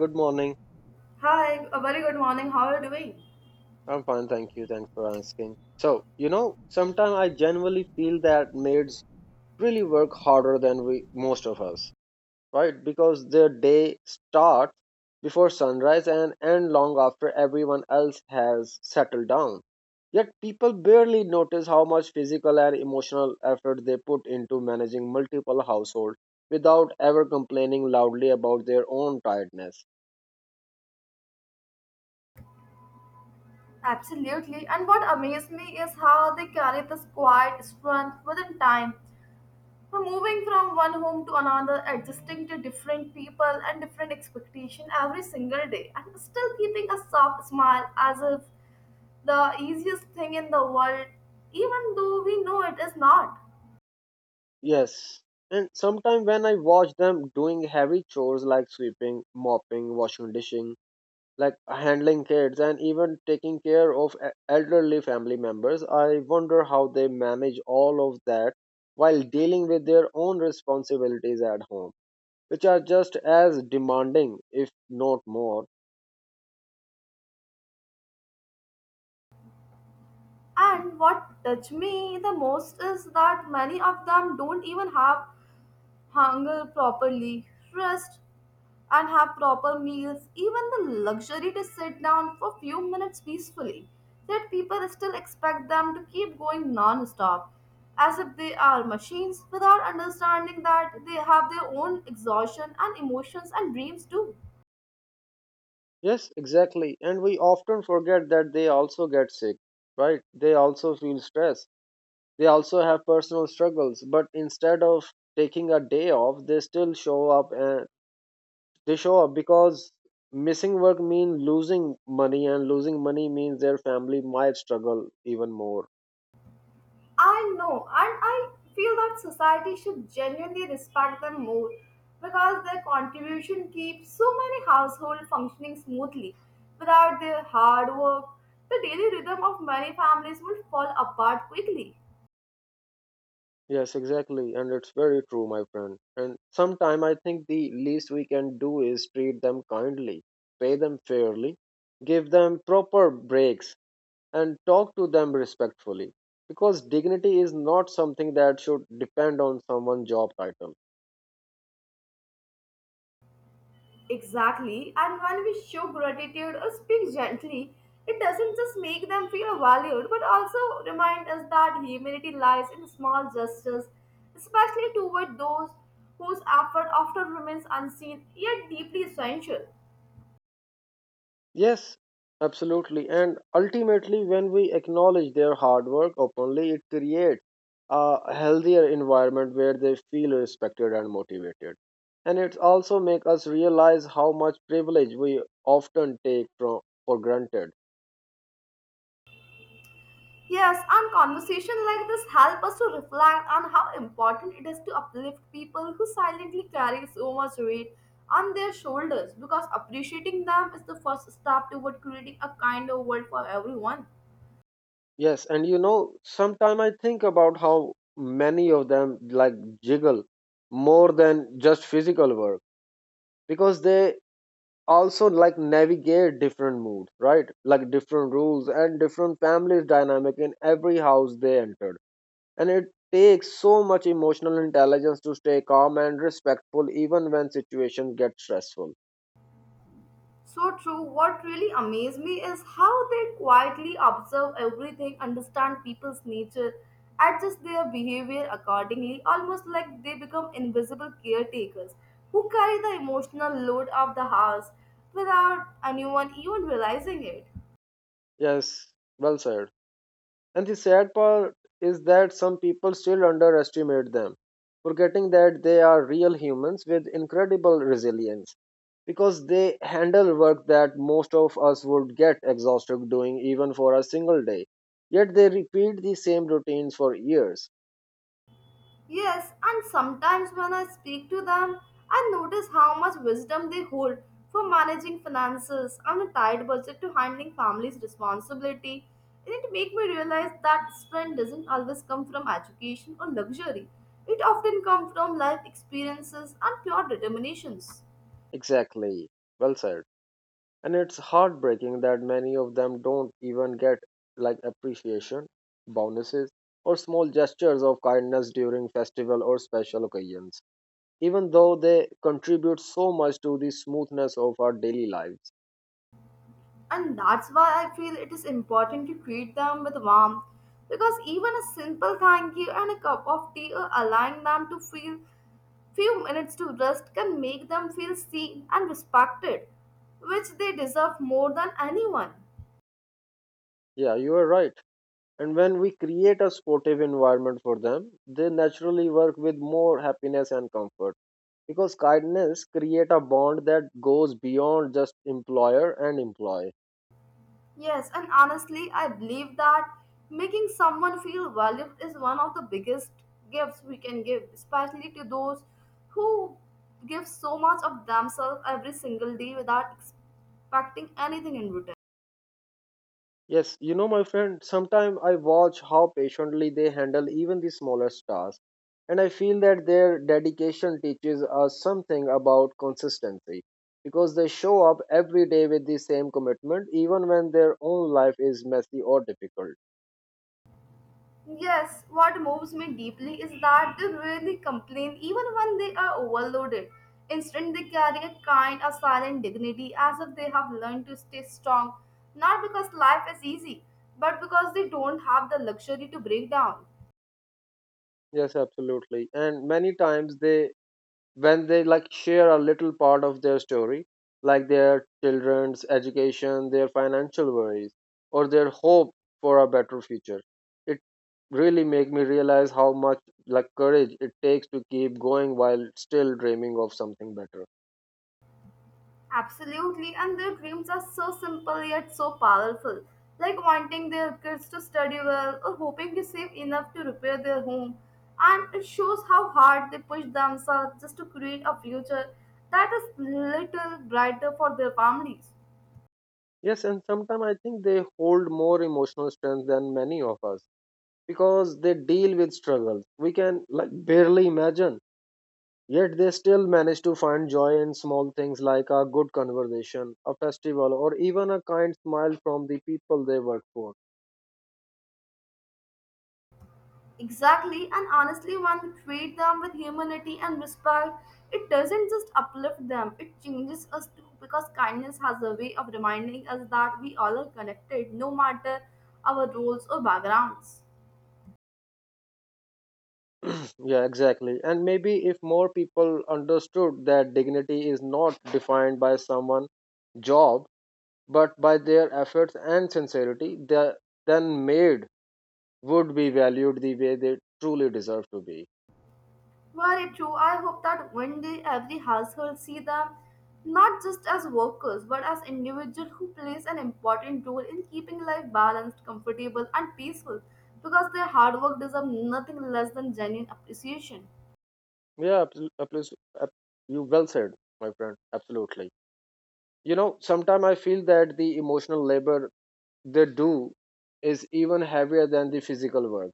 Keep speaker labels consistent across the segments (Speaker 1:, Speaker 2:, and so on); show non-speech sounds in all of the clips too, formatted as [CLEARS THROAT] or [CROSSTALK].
Speaker 1: Good morning.
Speaker 2: Hi, a very good morning. How are you doing?
Speaker 1: I'm fine, thank you. Thanks for asking. So, sometimes I genuinely feel that maids really work harder than we most of us, right? Because their day starts before sunrise and end long after everyone else has settled down. Yet people barely notice how much physical and emotional effort they put into managing multiple households without ever complaining loudly about their own tiredness.
Speaker 2: Absolutely. And what amazed me is how they carry this quiet strength within time. From moving from one home to another, adjusting to different people and different expectation every single day, and still keeping a soft smile as if the easiest thing in the world, even though we know it is not.
Speaker 1: Yes. And sometimes when I watch them doing heavy chores like sweeping, mopping, washing, dishing, like handling kids, and even taking care of elderly family members, I wonder how they manage all of that while dealing with their own responsibilities at home, which are just as demanding, if not more.
Speaker 2: And what touched me the most is that many of them don't even have hunger properly, rest, and have proper meals, even the luxury to sit down for few minutes peacefully, yet people still expect them to keep going non-stop, as if they are machines without understanding that they have their own exhaustion and emotions and dreams too.
Speaker 1: Yes, exactly. And we often forget that they also get sick, right? They also feel stress. They also have personal struggles, but instead of taking a day off, they still show up, and they show up because missing work means losing money, and losing money means their family might struggle even more.
Speaker 2: I know, and I feel that society should genuinely respect them more because their contribution keeps so many households functioning smoothly. Without their hard work, the daily rhythm of many families would fall apart quickly.
Speaker 1: Yes, exactly. And it's very true, my friend. And sometime I think the least we can do is treat them kindly, pay them fairly, give them proper breaks, and talk to them respectfully. Because dignity is not something that should depend on someone's job title.
Speaker 2: Exactly. And when we show gratitude or speak gently, it doesn't just make them feel valued, but also remind us that humanity lies in small gestures, especially toward those whose effort often remains unseen yet deeply essential.
Speaker 1: Yes, absolutely. And ultimately, when we acknowledge their hard work openly, it creates a healthier environment where they feel respected and motivated. And it also makes us realize how much privilege we often take for granted.
Speaker 2: Yes, and conversation like this help us to reflect on how important it is to uplift people who silently carry so much weight on their shoulders because appreciating them is the first step toward creating a kinder world for everyone.
Speaker 1: Yes, and sometimes I think about how many of them like jiggle more than just physical work because they also like navigate different moods, right? Like different rules and different families dynamic in every house they entered. And it takes so much emotional intelligence to stay calm and respectful even when situations get stressful.
Speaker 2: So true. What really amazed me is how they quietly observe everything, understand people's nature, adjust their behavior accordingly, almost like they become invisible caretakers who carry the emotional load of the house without anyone even realizing it.
Speaker 1: Yes, well said. And the sad part is that some people still underestimate them, forgetting that they are real humans with incredible resilience because they handle work that most of us would get exhausted doing even for a single day. Yet they repeat the same routines for years.
Speaker 2: Yes, and sometimes when I speak to them, I notice how much wisdom they hold for managing finances and a tight budget to handling family's responsibility. And it made me realize that strength doesn't always come from education or luxury. It often comes from life experiences and pure determinations.
Speaker 1: Exactly. Well said. And it's heartbreaking that many of them don't even get like appreciation, bonuses, or small gestures of kindness during festival or special occasions, even though they contribute so much to the smoothness of our daily lives.
Speaker 2: And that's why I feel it is important to treat them with warmth because even a simple thank you and a cup of tea or allowing them to feel few minutes to rest can make them feel seen and respected, which they deserve more than anyone.
Speaker 1: Yeah, you are right. And when we create a sportive environment for them, they naturally work with more happiness and comfort. Because kindness create a bond that goes beyond just employer and employee.
Speaker 2: Yes, and honestly, I believe that making someone feel valued is one of the biggest gifts we can give, especially to those who give so much of themselves every single day without expecting anything in return.
Speaker 1: Yes, my friend, sometimes I watch how patiently they handle even the smallest tasks. And I feel that their dedication teaches us something about consistency. Because they show up every day with the same commitment, even when their own life is messy or difficult.
Speaker 2: Yes, what moves me deeply is that they rarely complain even when they are overloaded. Instead, they carry a kind of silent dignity as if they have learned to stay strong, not because life is easy, but because they don't have the luxury to break down.
Speaker 1: Yes, absolutely. And many times when they like share a little part of their story, like their children's education, their financial worries, or their hope for a better future, it really make me realize how much like courage it takes to keep going while still dreaming of something better.
Speaker 2: Absolutely, and their dreams are so simple yet so powerful, like wanting their kids to study well or hoping to save enough to repair their home. And it shows how hard they push themselves just to create a future that is little brighter for their families.
Speaker 1: Yes, and sometimes I think they hold more emotional strength than many of us because they deal with struggles we can like barely imagine. Yet they still manage to find joy in small things like a good conversation, a festival, or even a kind smile from the people they work for.
Speaker 2: Exactly, and honestly, when we treat them with humanity and respect, it doesn't just uplift them, it changes us too because kindness has a way of reminding us that we all are connected no matter our roles or backgrounds.
Speaker 1: [CLEARS THROAT] Yeah, exactly. And maybe if more people understood that dignity is not defined by someone's job, but by their efforts and sincerity, then maid would be valued the way they truly deserve to be.
Speaker 2: Very true. I hope that one day every household see them not just as workers but as individuals who plays an important role in keeping life balanced, comfortable, and peaceful because their hard work deserves nothing less than genuine appreciation.
Speaker 1: Yeah, ab- you well said, my friend. Absolutely. You know, sometimes I feel that the emotional labor they do is even heavier than the physical work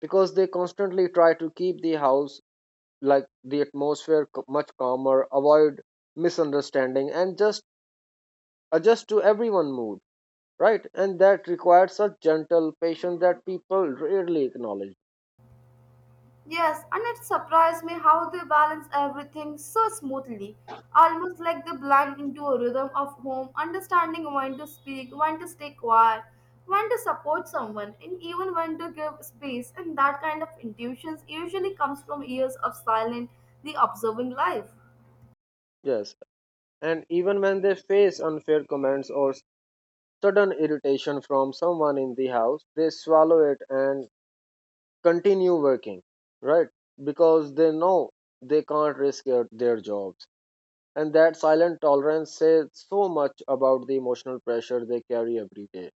Speaker 1: because they constantly try to keep the house, like the atmosphere, much calmer, avoid misunderstanding, and just adjust to everyone mood, right? And that requires a gentle patience that people rarely acknowledge.
Speaker 2: Yes, and it surprised me how they balance everything so smoothly, almost like they blend into a rhythm of home, understanding when to speak, when to stay quiet, when to support someone, and even when to give space. And that kind of intuitions usually comes from years of silent, the observing life.
Speaker 1: Yes, and even when they face unfair comments or sudden irritation from someone in the house, they swallow it and continue working, right? Because they know they can't risk their jobs. And that silent tolerance says so much about the emotional pressure they carry every day.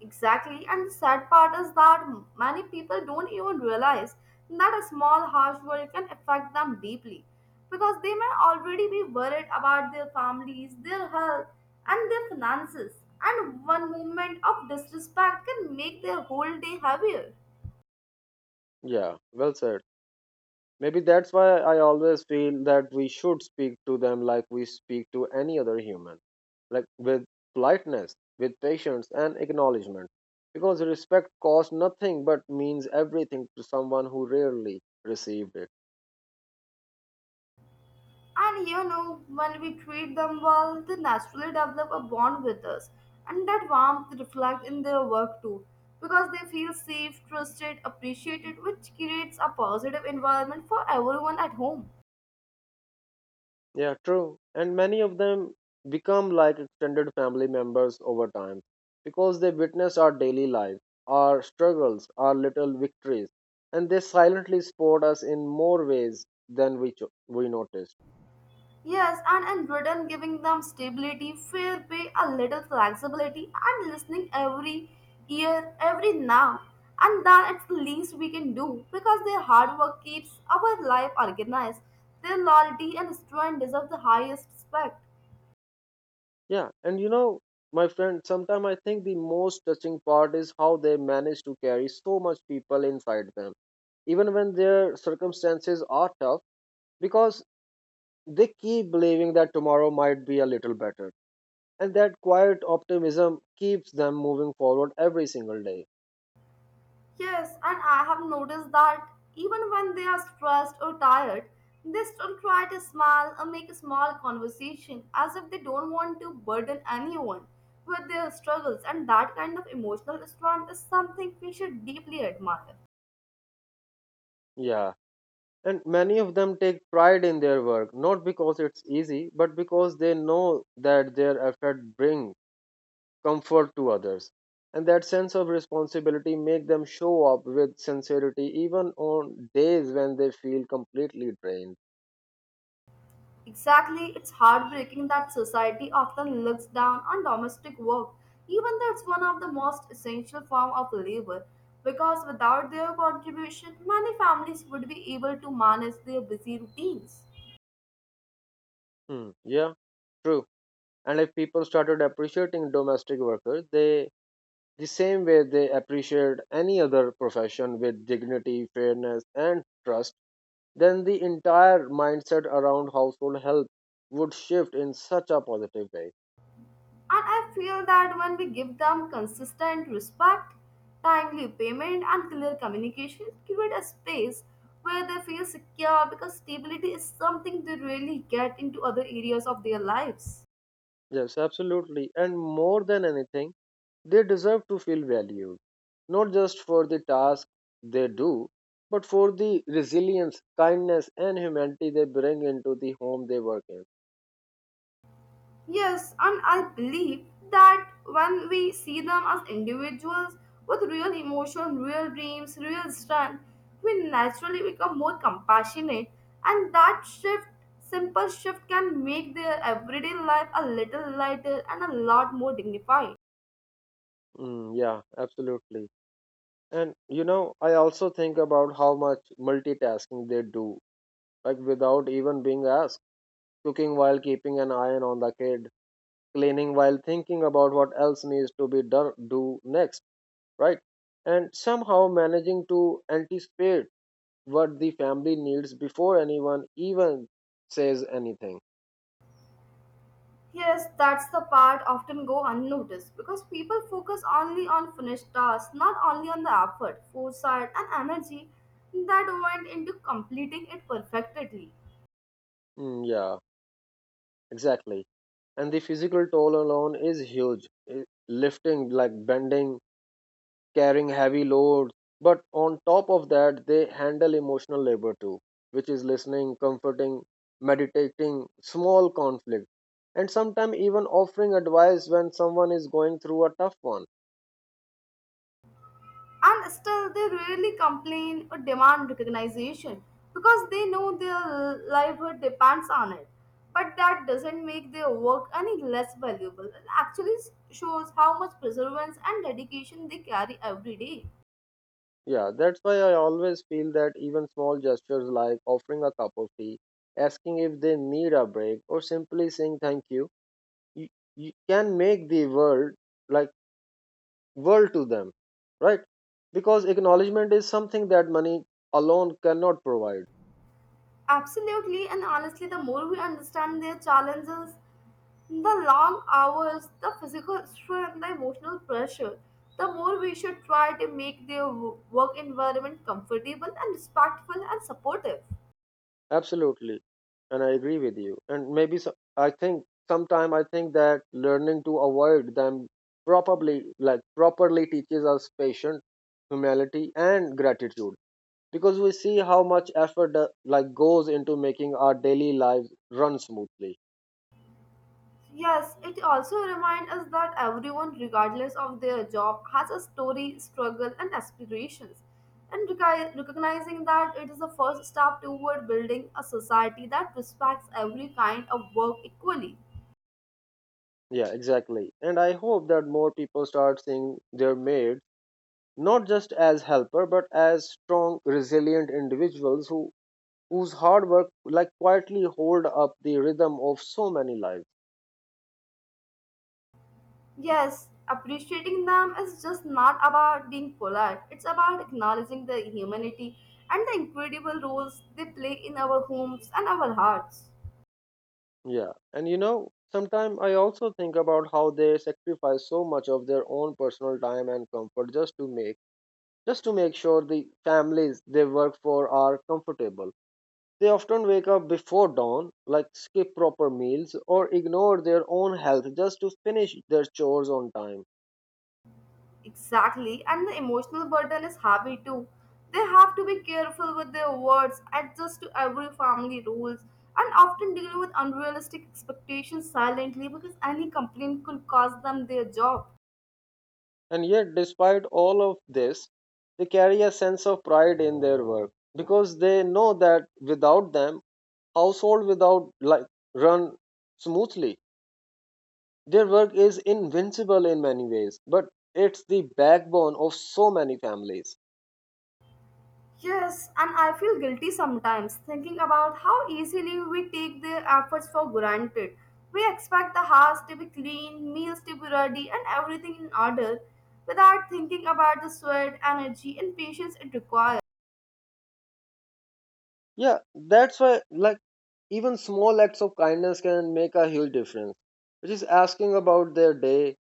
Speaker 2: Exactly, and the sad part is that many people don't even realize that a small harsh word can affect them deeply because they may already be worried about their families, their health, and their finances, and one moment of disrespect can make their whole day heavier.
Speaker 1: Yeah, well said. Maybe that's why I always feel that we should speak to them like we speak to any other human, like with politeness, with patience, and acknowledgement. Because respect costs nothing but means everything to someone who rarely received it.
Speaker 2: And you know, when we treat them well, they naturally develop a bond with us. And that warmth reflects in their work too, because they feel safe, trusted, appreciated, which creates a positive environment for everyone at home.
Speaker 1: Yeah, true. And many of them become like extended family members over time because they witness our daily life, our struggles, our little victories, and they silently support us in more ways than we noticed.
Speaker 2: Yes, and in return, giving them stability, fair pay, a little flexibility, and listening every year, every now. And then it's the least we can do because their hard work keeps our life organized. Their loyalty and strength deserve the highest respect.
Speaker 1: Yeah, and my friend, sometimes I think the most touching part is how they manage to carry so much people inside them, even when their circumstances are tough, because they keep believing that tomorrow might be a little better and that quiet optimism keeps them moving forward every single day.
Speaker 2: Yes, and I have noticed that even when they are stressed or tired, they still try to smile or make a small conversation as if they don't want to burden anyone with their struggles, and that kind of emotional strength is something we should deeply admire.
Speaker 1: Yeah, and many of them take pride in their work, not because it's easy, but because they know that their effort bring comfort to others. And that sense of responsibility make them show up with sincerity even on days when they feel completely drained.
Speaker 2: Exactly, it's heartbreaking that society often looks down on domestic work, even though it's one of the most essential form of labor because without their contribution, many families would be able to manage their busy routines.
Speaker 1: Hmm. Yeah, true. And if people started appreciating domestic workers, the same way they appreciate any other profession with dignity, fairness, and trust, then the entire mindset around household help would shift in such a positive way.
Speaker 2: And I feel that when we give them consistent respect, timely payment, and clear communication, create a space where they feel secure because stability is something they really get into other areas of their lives.
Speaker 1: Yes, absolutely. And more than anything, they deserve to feel valued, not just for the task they do, but for the resilience, kindness, and humanity they bring into the home they work in.
Speaker 2: Yes, and I believe that when we see them as individuals with real emotion, real dreams, real strength, we naturally become more compassionate, and that shift, simple shift, can make their everyday life a little lighter and a lot more dignified.
Speaker 1: Mm, yeah, absolutely. And I also think about how much multitasking they do, like without even being asked, cooking while keeping an eye on the kid, cleaning while thinking about what else needs to be done do next, right? And somehow managing to anticipate what the family needs before anyone even says anything.
Speaker 2: Yes, that's the part often go unnoticed because people focus only on finished tasks, not only on the effort, foresight, and energy that went into completing it perfectly.
Speaker 1: Mm, yeah, exactly. And the physical toll alone is huge. Lifting, like bending, carrying heavy loads. But on top of that, they handle emotional labor too, which is listening, comforting, meditating, small conflict, and sometimes even offering advice when someone is going through a tough one.
Speaker 2: And still, they rarely complain or demand recognition because they know their livelihood depends on it. But that doesn't make their work any less valuable. It actually shows how much perseverance and dedication they carry every day.
Speaker 1: Yeah, that's why I always feel that even small gestures like offering a cup of tea, asking if they need a break, or simply saying thank you, you, you can make the world, like world to them, right? Because acknowledgement is something that money alone cannot provide.
Speaker 2: Absolutely, and honestly, the more we understand their challenges, the long hours, the physical strength, the emotional pressure, the more we should try to make their work environment comfortable and respectful and supportive.
Speaker 1: Absolutely, and I agree with you. And maybe so, I think sometime I think that learning to avoid them properly, like properly, teaches us patience, humility, and gratitude. Because we see how much effort like goes into making our daily lives run smoothly.
Speaker 2: Yes, it also reminds us that everyone, regardless of their job, has a story, struggle, and aspirations. And recognizing that it is the first step toward building a society that respects every kind of work equally.
Speaker 1: Yeah, exactly. And I hope that more people start seeing their made not just as helper but as strong resilient individuals whose hard work like quietly hold up the rhythm of so many lives.
Speaker 2: Yes, appreciating them is just not about being polite, it's about acknowledging their humanity and the incredible roles they play in our homes and our hearts.
Speaker 1: Yeah, and sometimes I also think about how they sacrifice so much of their own personal time and comfort just to make sure the families they work for are comfortable. They often wake up before dawn, like skip proper meals or ignore their own health just to finish their chores on time.
Speaker 2: Exactly, and the emotional burden is heavy too. They have to be careful with their words, adjust to every family rules, and often deal with unrealistic expectations silently because any complaint could cost them their job.
Speaker 1: And yet, despite all of this, they carry a sense of pride in their work because they know that without them, household without like run smoothly. Their work is invincible in many ways, but it's the backbone of so many families.
Speaker 2: Yes, and I feel guilty sometimes thinking about how easily we take their efforts for granted. We expect the house to be clean, meals to be ready, and everything in order without thinking about the sweat, energy, and patience it requires.
Speaker 1: Yeah, that's why like even small acts of kindness can make a huge difference. Just asking about their day,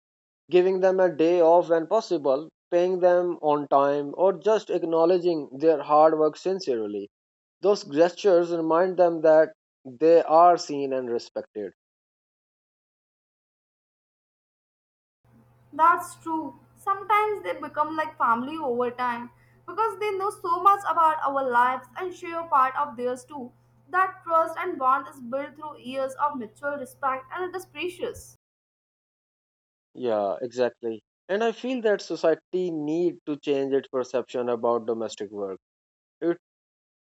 Speaker 1: giving them a day off when possible, paying them on time, or just acknowledging their hard work sincerely. Those gestures remind them that they are seen and respected.
Speaker 2: That's true. Sometimes they become like family over time because they know so much about our lives and share part of theirs too. That trust and bond is built through years of mutual respect and it is precious.
Speaker 1: Yeah, exactly. And I feel that society need to change its perception about domestic work. It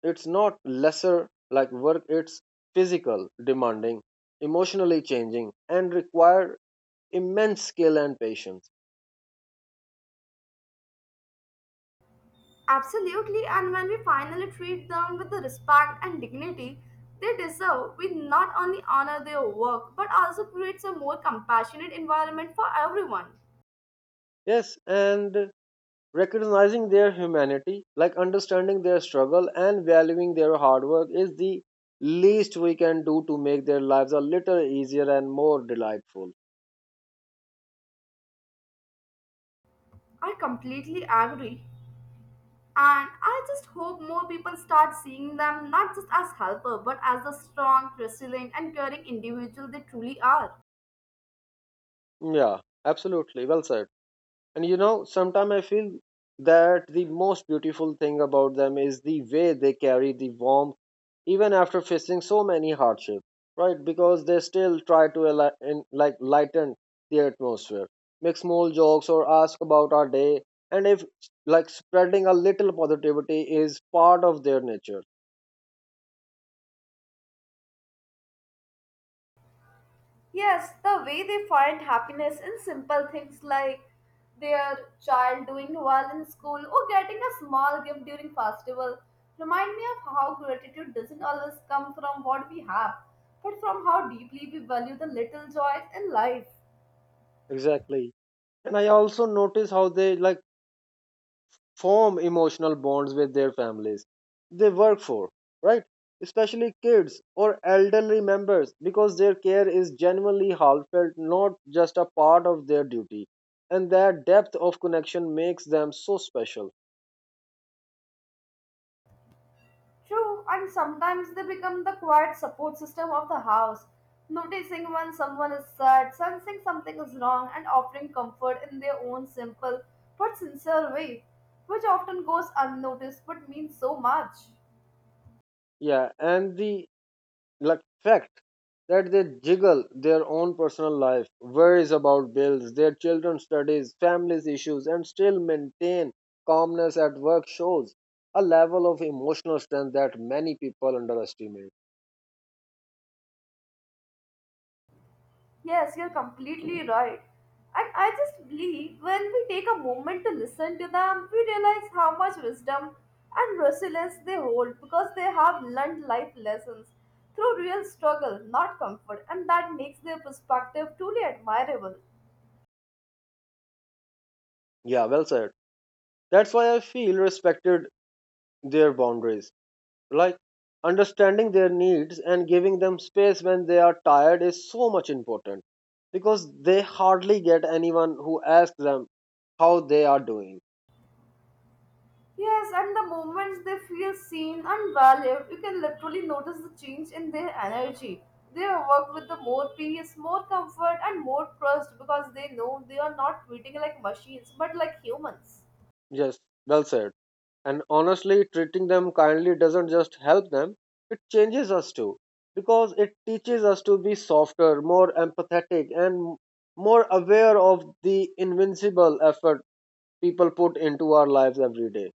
Speaker 1: it's not lesser like work, it's physical, demanding, emotionally changing, and require immense skill and patience.
Speaker 2: Absolutely, and when we finally treat them with the respect and dignity they deserve, we not only honor their work but also creates a more compassionate environment for everyone.
Speaker 1: Yes, and recognizing their humanity, like understanding their struggle and valuing their hard work, is the least we can do to make their lives a little easier and more delightful.
Speaker 2: I completely agree. And I just hope more people start seeing them not just as helper, but as the strong, resilient, and caring individual they truly are.
Speaker 1: Yeah, absolutely. Well said. And sometimes I feel that the most beautiful thing about them is the way they carry the warmth even after facing so many hardships, right? Because they still try to like lighten the atmosphere, make small jokes or ask about our day, and if like spreading a little positivity is part of their nature.
Speaker 2: Yes, the way they find happiness in simple things like their child doing well in school or getting a small gift during festival remind me of how gratitude doesn't always come from what we have, but from how deeply we value the little joys in life.
Speaker 1: Exactly. And I also notice how they like form emotional bonds with their families they work for, right? Especially kids or elderly members because their care is genuinely heartfelt, not just a part of their duty. And that depth of connection makes them so special.
Speaker 2: True, and sometimes they become the quiet support system of the house, noticing when someone is sad, sensing something is wrong, and offering comfort in their own simple but sincere way, which often goes unnoticed but means so much.
Speaker 1: Yeah, and the like fact that they juggle their own personal life, worries about bills, their children's studies, families issues, and still maintain calmness at work shows a level of emotional strength that many people underestimate.
Speaker 2: Yes, you're completely right. And I just believe when we take a moment to listen to them, we realize how much wisdom and resilience they hold because they have learned life lessons through real struggle, not comfort, and that makes their perspective truly admirable.
Speaker 1: Yeah, well said. That's why I feel respected their boundaries. Like understanding their needs and giving them space when they are tired is so much important because they hardly get anyone who asks them how they are doing.
Speaker 2: Yes, and the moments they feel seen and valued, you can literally notice the change in their energy. They work with the more peace, more comfort, and more trust because they know they are not treating like machines but like humans.
Speaker 1: Yes, well said. And honestly, treating them kindly doesn't just help them, it changes us too. Because it teaches us to be softer, more empathetic, and more aware of the invincible effort people put into our lives every day.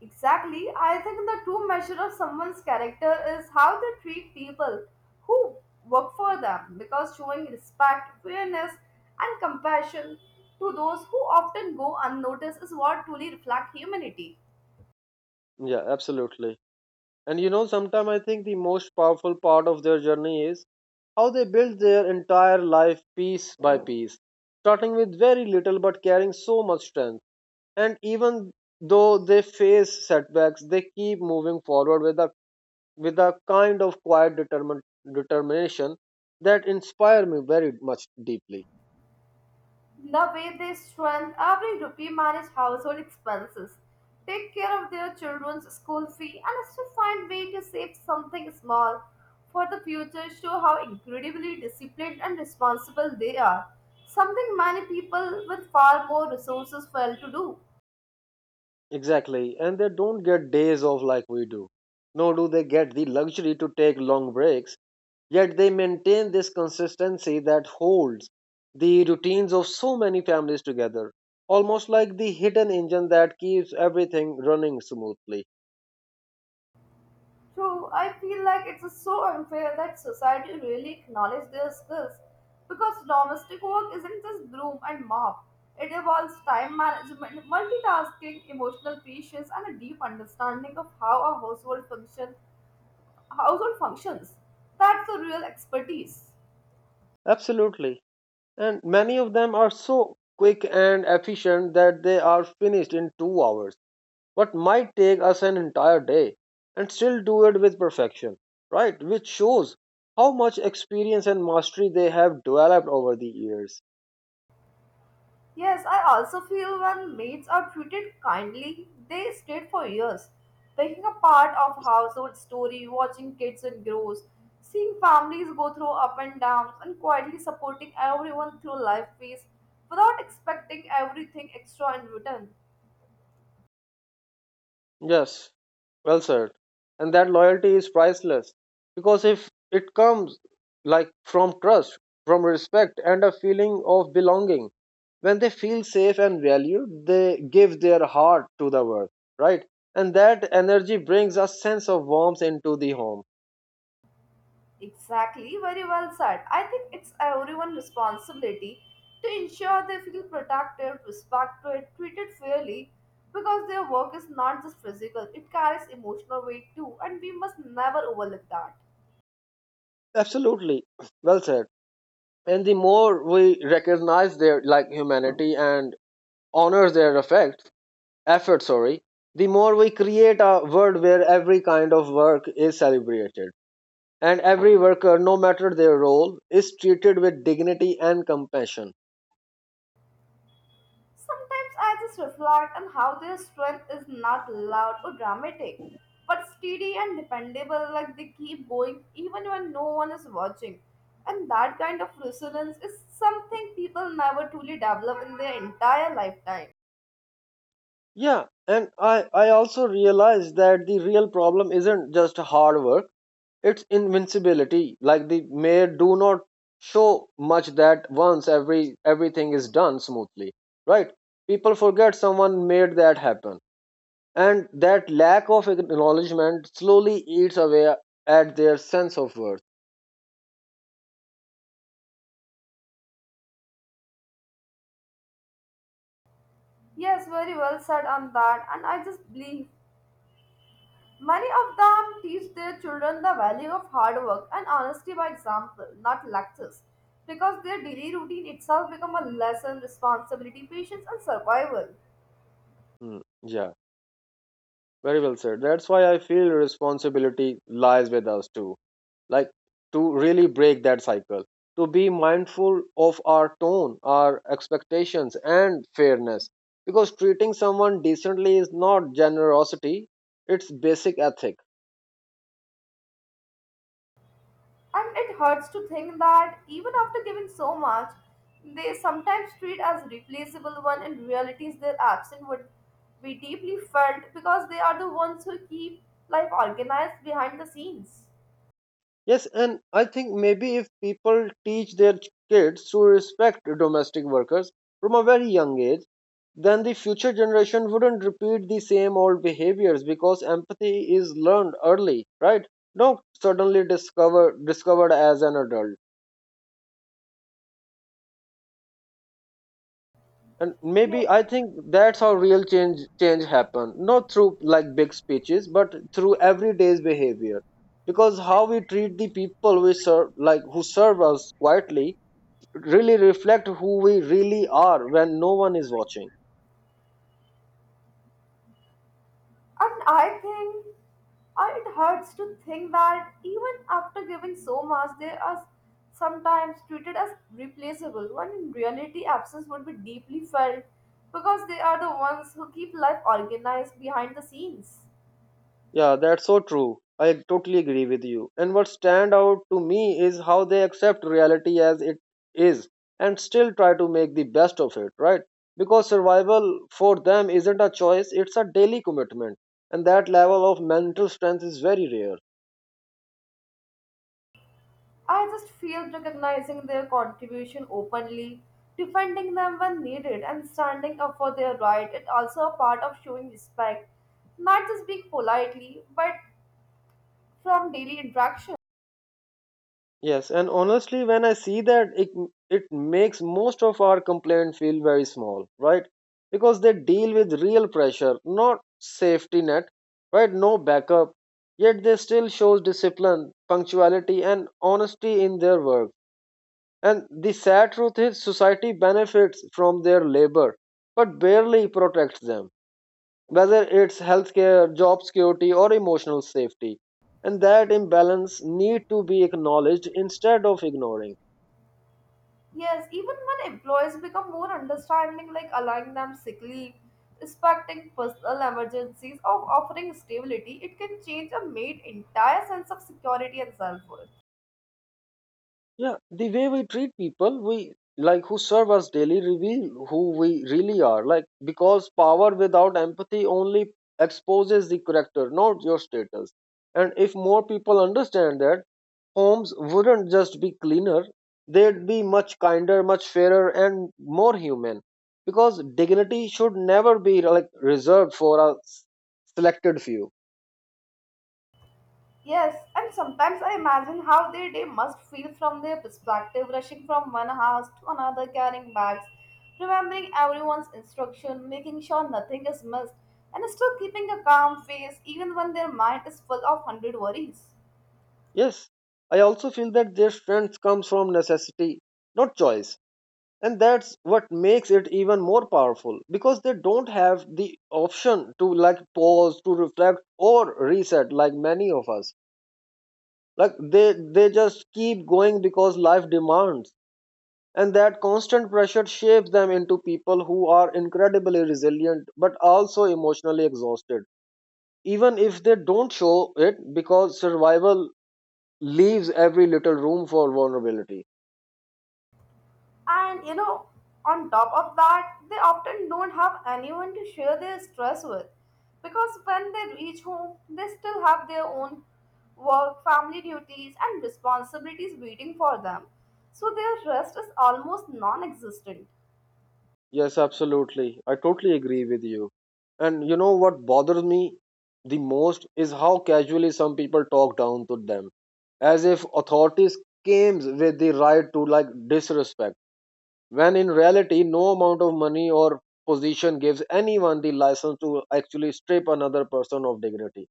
Speaker 2: Exactly, I think the true measure of someone's character is how they treat people who work for them because showing respect, fairness, and compassion to those who often go unnoticed is what truly reflects humanity.
Speaker 1: Yeah, absolutely. And you know, sometimes I think the most powerful part of their journey is how they build their entire life piece by piece, starting with very little but carrying so much strength, and even though they face setbacks, they keep moving forward with a kind of quiet determination that inspire me very much deeply.
Speaker 2: The way they strengthen every rupee manage household expenses, take care of their children's school fee, and still find way to save something small for the future show how incredibly disciplined and responsible they are. Something many people with far more resources fail to do.
Speaker 1: Exactly, and they don't get days off like we do, nor do they get the luxury to take long breaks, yet they maintain this consistency that holds the routines of so many families together, almost like the hidden engine that keeps everything running smoothly.
Speaker 2: True, I feel like it's so unfair that society really acknowledges their skills because domestic work isn't just broom and mop. It involves time management, multitasking, emotional patience, and a deep understanding of how a household functions. That's the real expertise.
Speaker 1: Absolutely. And many of them are so quick and efficient that they are finished in 2 hours, what might take us an entire day, and still do it with perfection, right? Which shows how much experience and mastery they have developed over the years.
Speaker 2: Yes, I also feel when maids are treated kindly, they stayed for years, picking a part of household story, watching kids and grows, seeing families go through up and downs, and quietly supporting everyone through life phase without expecting everything extra in return.
Speaker 1: Yes, well said. And that loyalty is priceless because if it comes like from trust, from respect, and a feeling of belonging, when they feel safe and valued, they give their heart to the work, right? And that energy brings a sense of warmth into the home.
Speaker 2: Exactly, very well said. I think it's everyone's responsibility to ensure they feel protected, respected, treated fairly because their work is not just physical, it carries emotional weight too, and we must never overlook that.
Speaker 1: Absolutely, well said. And the more we recognize their like humanity and honor their effort, sorry, the more we create a world where every kind of work is celebrated and every worker, no matter their role, is treated with dignity and compassion.
Speaker 2: Sometimes I just reflect on how their strength is not loud or dramatic, but steady and dependable, like they keep going even when no one is watching. And that kind of resilience is something people never truly develop in their entire lifetime.
Speaker 1: Yeah, and I also realize that the real problem isn't just hard work, it's invincibility. Like the mayor do not show much that once everything is done smoothly, right? People forget someone made that happen, and that lack of acknowledgement slowly eats away at their sense of worth.
Speaker 2: Yes, very well said on that, and I just believe many of them teach their children the value of hard work and honesty by example, not lectures, because their daily routine itself become a lesson, responsibility, patience, and survival.
Speaker 1: Hmm, Yeah, very well said. That's why I feel responsibility lies with us too. Like to really break that cycle, to be mindful of our tone, our expectations, and fairness. Because treating someone decently is not generosity, it's basic ethic.
Speaker 2: And it hurts to think that even after giving so much, they sometimes treat as replaceable one in reality their absence would be deeply felt because they are the ones who keep life organized behind the scenes.
Speaker 1: Yes, and I think maybe if people teach their kids to respect domestic workers from a very young age, then the future generation wouldn't repeat the same old behaviors, because empathy is learned early, right? Not suddenly discovered as an adult. And maybe
Speaker 2: Yes.
Speaker 1: I think that's how real change happen, not through like big speeches but through everyday's behavior. Because how we treat the people we serve, like who serve us quietly, really reflect who we really are when no one is watching.
Speaker 2: And I think it hurts to think that even after giving so much, they are sometimes treated as replaceable, when in reality, absence would be deeply felt because they are the ones who keep life organized behind the scenes.
Speaker 1: Yeah, that's so true. I totally agree with you. And what stand out to me is how they accept reality as it is and still try to make the best of it, right? Because survival for them isn't a choice, it's a daily commitment. And that level of mental strength is very rare.
Speaker 2: I just feel recognizing their contribution openly, defending them when needed, and standing up for their right is also a part of showing respect, not just being politely, but from daily interaction.
Speaker 1: Yes, and honestly, when I see that, it makes most of our complaints feel very small, right? Because they deal with real pressure, not safety net, right? No backup, yet they still shows discipline, punctuality, and honesty in their work. And the sad truth is, society benefits from their labor, but barely protects them, whether it's healthcare, job security, or emotional safety. And that imbalance need to be acknowledged instead of ignoring.
Speaker 2: Yes, even when employees become more understanding, like allowing them sick leave, respecting personal emergencies, or offering stability, it can change a maid's entire sense of security and self worth.
Speaker 1: Yeah, the way we treat people, we like who serve us daily reveal who we really are. Like because power without empathy only exposes the character, not your status. And if more people understand that, homes wouldn't just be cleaner, they'd be much kinder, much fairer, and more human. Because dignity should never be like reserved for a selected few.
Speaker 2: Yes, and sometimes I imagine how their day must feel from their perspective, rushing from one house to another, carrying bags, remembering everyone's instruction, making sure nothing is missed, and still keeping a calm face even when their mind is full of hundred worries.
Speaker 1: Yes, I also feel that their strength comes from necessity, not choice. And that's what makes it even more powerful because they don't have the option to like pause, to reflect, or reset like many of us. Like they just keep going because life demands, and that constant pressure shapes them into people who are incredibly resilient but also emotionally exhausted, even if they don't show it, because survival leaves every little room for vulnerability.
Speaker 2: And you know, on top of that, they often don't have anyone to share their stress with because when they reach home, they still have their own work, family duties, and responsibilities waiting for them. So their rest is almost non existent.
Speaker 1: Yes, absolutely, I totally agree with you. And you know what bothers me the most is how casually some people talk down to them, as if authorities came with the right to like disrespect, when in reality no amount of money or position gives anyone the license to actually strip another person of dignity.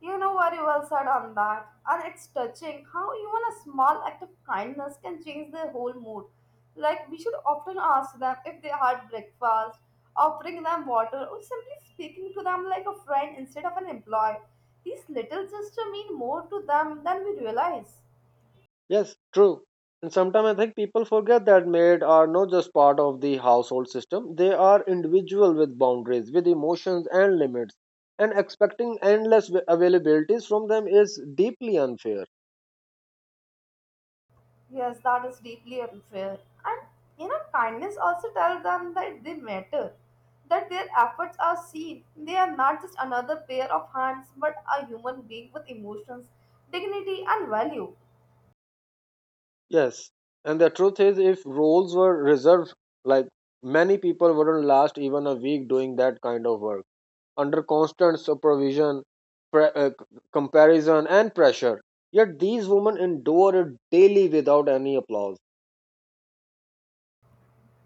Speaker 2: You know very well said on that, and it's touching how even a small act of kindness can change their whole mood. Like, we should often ask them if they had breakfast, offering them water, or simply speaking to them like a friend instead of an employee. These little gestures mean more to them than we realize.
Speaker 1: Yes, true. And sometimes I think people forget that maids are not just part of the household system, they are individual with boundaries, with emotions and limits, and expecting endless availabilities from them is deeply unfair.
Speaker 2: Yes, that is deeply unfair. And you know, kindness also tells them that they matter, that their efforts are seen. They are not just another pair of hands, but a human being with emotions, dignity, and value.
Speaker 1: Yes, and the truth is if roles were reserved, like many people wouldn't last even a week doing that kind of work under constant supervision, pre- uh, comparison, and pressure. Yet these women endure it daily without any applause.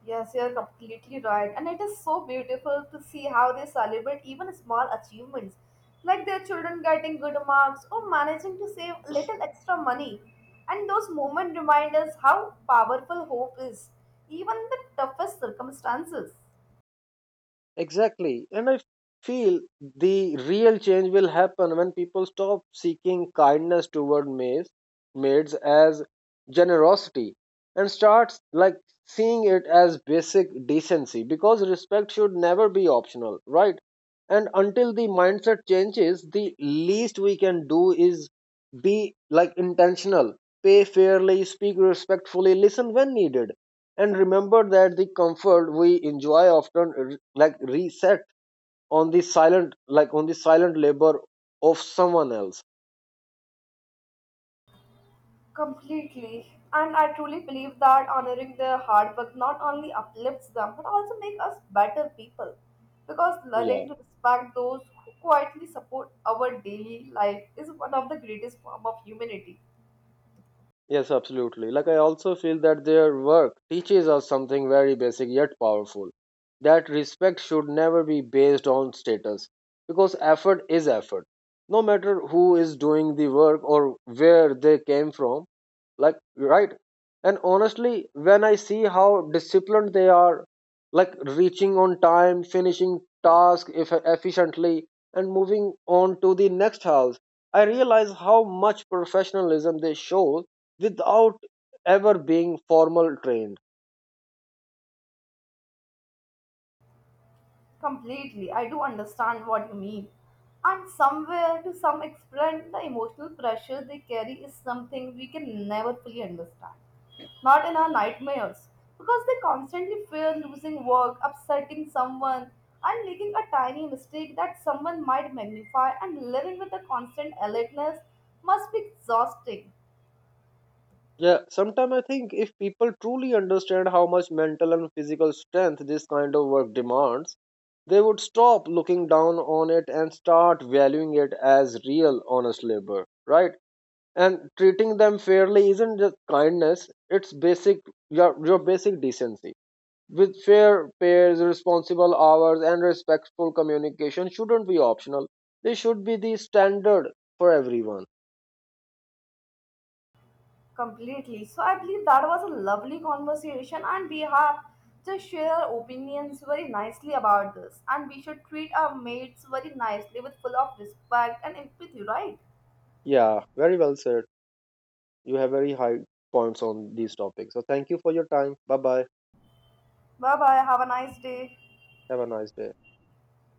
Speaker 2: Yes, you're completely right. And it is so beautiful to see how they celebrate even small achievements, like their children getting good marks or managing to save a little extra money. And those moments remind us how powerful hope is, even in the toughest circumstances.
Speaker 1: Exactly. And I feel the real change will happen when people stop seeking kindness toward maids as generosity and starts like seeing it as basic decency, because respect should never be optional, right? And until the mindset changes, the least we can do is be like intentional, pay fairly, speak respectfully, listen when needed, and remember that the comfort we enjoy often reset on the silent like on the silent labor of someone else.
Speaker 2: Completely. And I truly believe that honoring their hard work not only uplifts them but also makes us better people. Because
Speaker 1: Yeah,
Speaker 2: learning to respect those who quietly support our daily life is one of the greatest form of humanity.
Speaker 1: yes absolutely, like I also feel that their work teaches us something very basic yet powerful, that respect should never be based on status, because effort is effort, no matter who is doing the work or where they came from, like, right. And honestly, when I see how disciplined they are, like reaching on time, finishing task eff efficiently and moving on to the next house, I realize how much professionalism they show without ever being formal trained.
Speaker 2: Completely. I do understand what you mean. And somewhere, to some extent, the emotional pressure they carry is something we can never fully understand. Not in our nightmares. Because they constantly fear losing work, upsetting someone, and making a tiny mistake that someone might magnify, and living with the constant alertness must be exhausting.
Speaker 1: Yeah, sometimes I think if people truly understand how much mental and physical strength this kind of work demands, they would stop looking down on it and start valuing it as real, honest labor, right? And treating them fairly isn't just kindness, it's basic your basic decency. With fair pairs, responsible hours, and respectful communication shouldn't be optional. They should be the standard for everyone.
Speaker 2: Completely. So I believe that was a lovely conversation, and we have just share opinions very nicely about this. And we should treat our mates very nicely with full of respect and empathy, right?
Speaker 1: Yeah, very well said. You have very high points on these topics. So thank you for your time. Bye bye.
Speaker 2: Bye bye. Have a nice day.
Speaker 1: Have a nice day.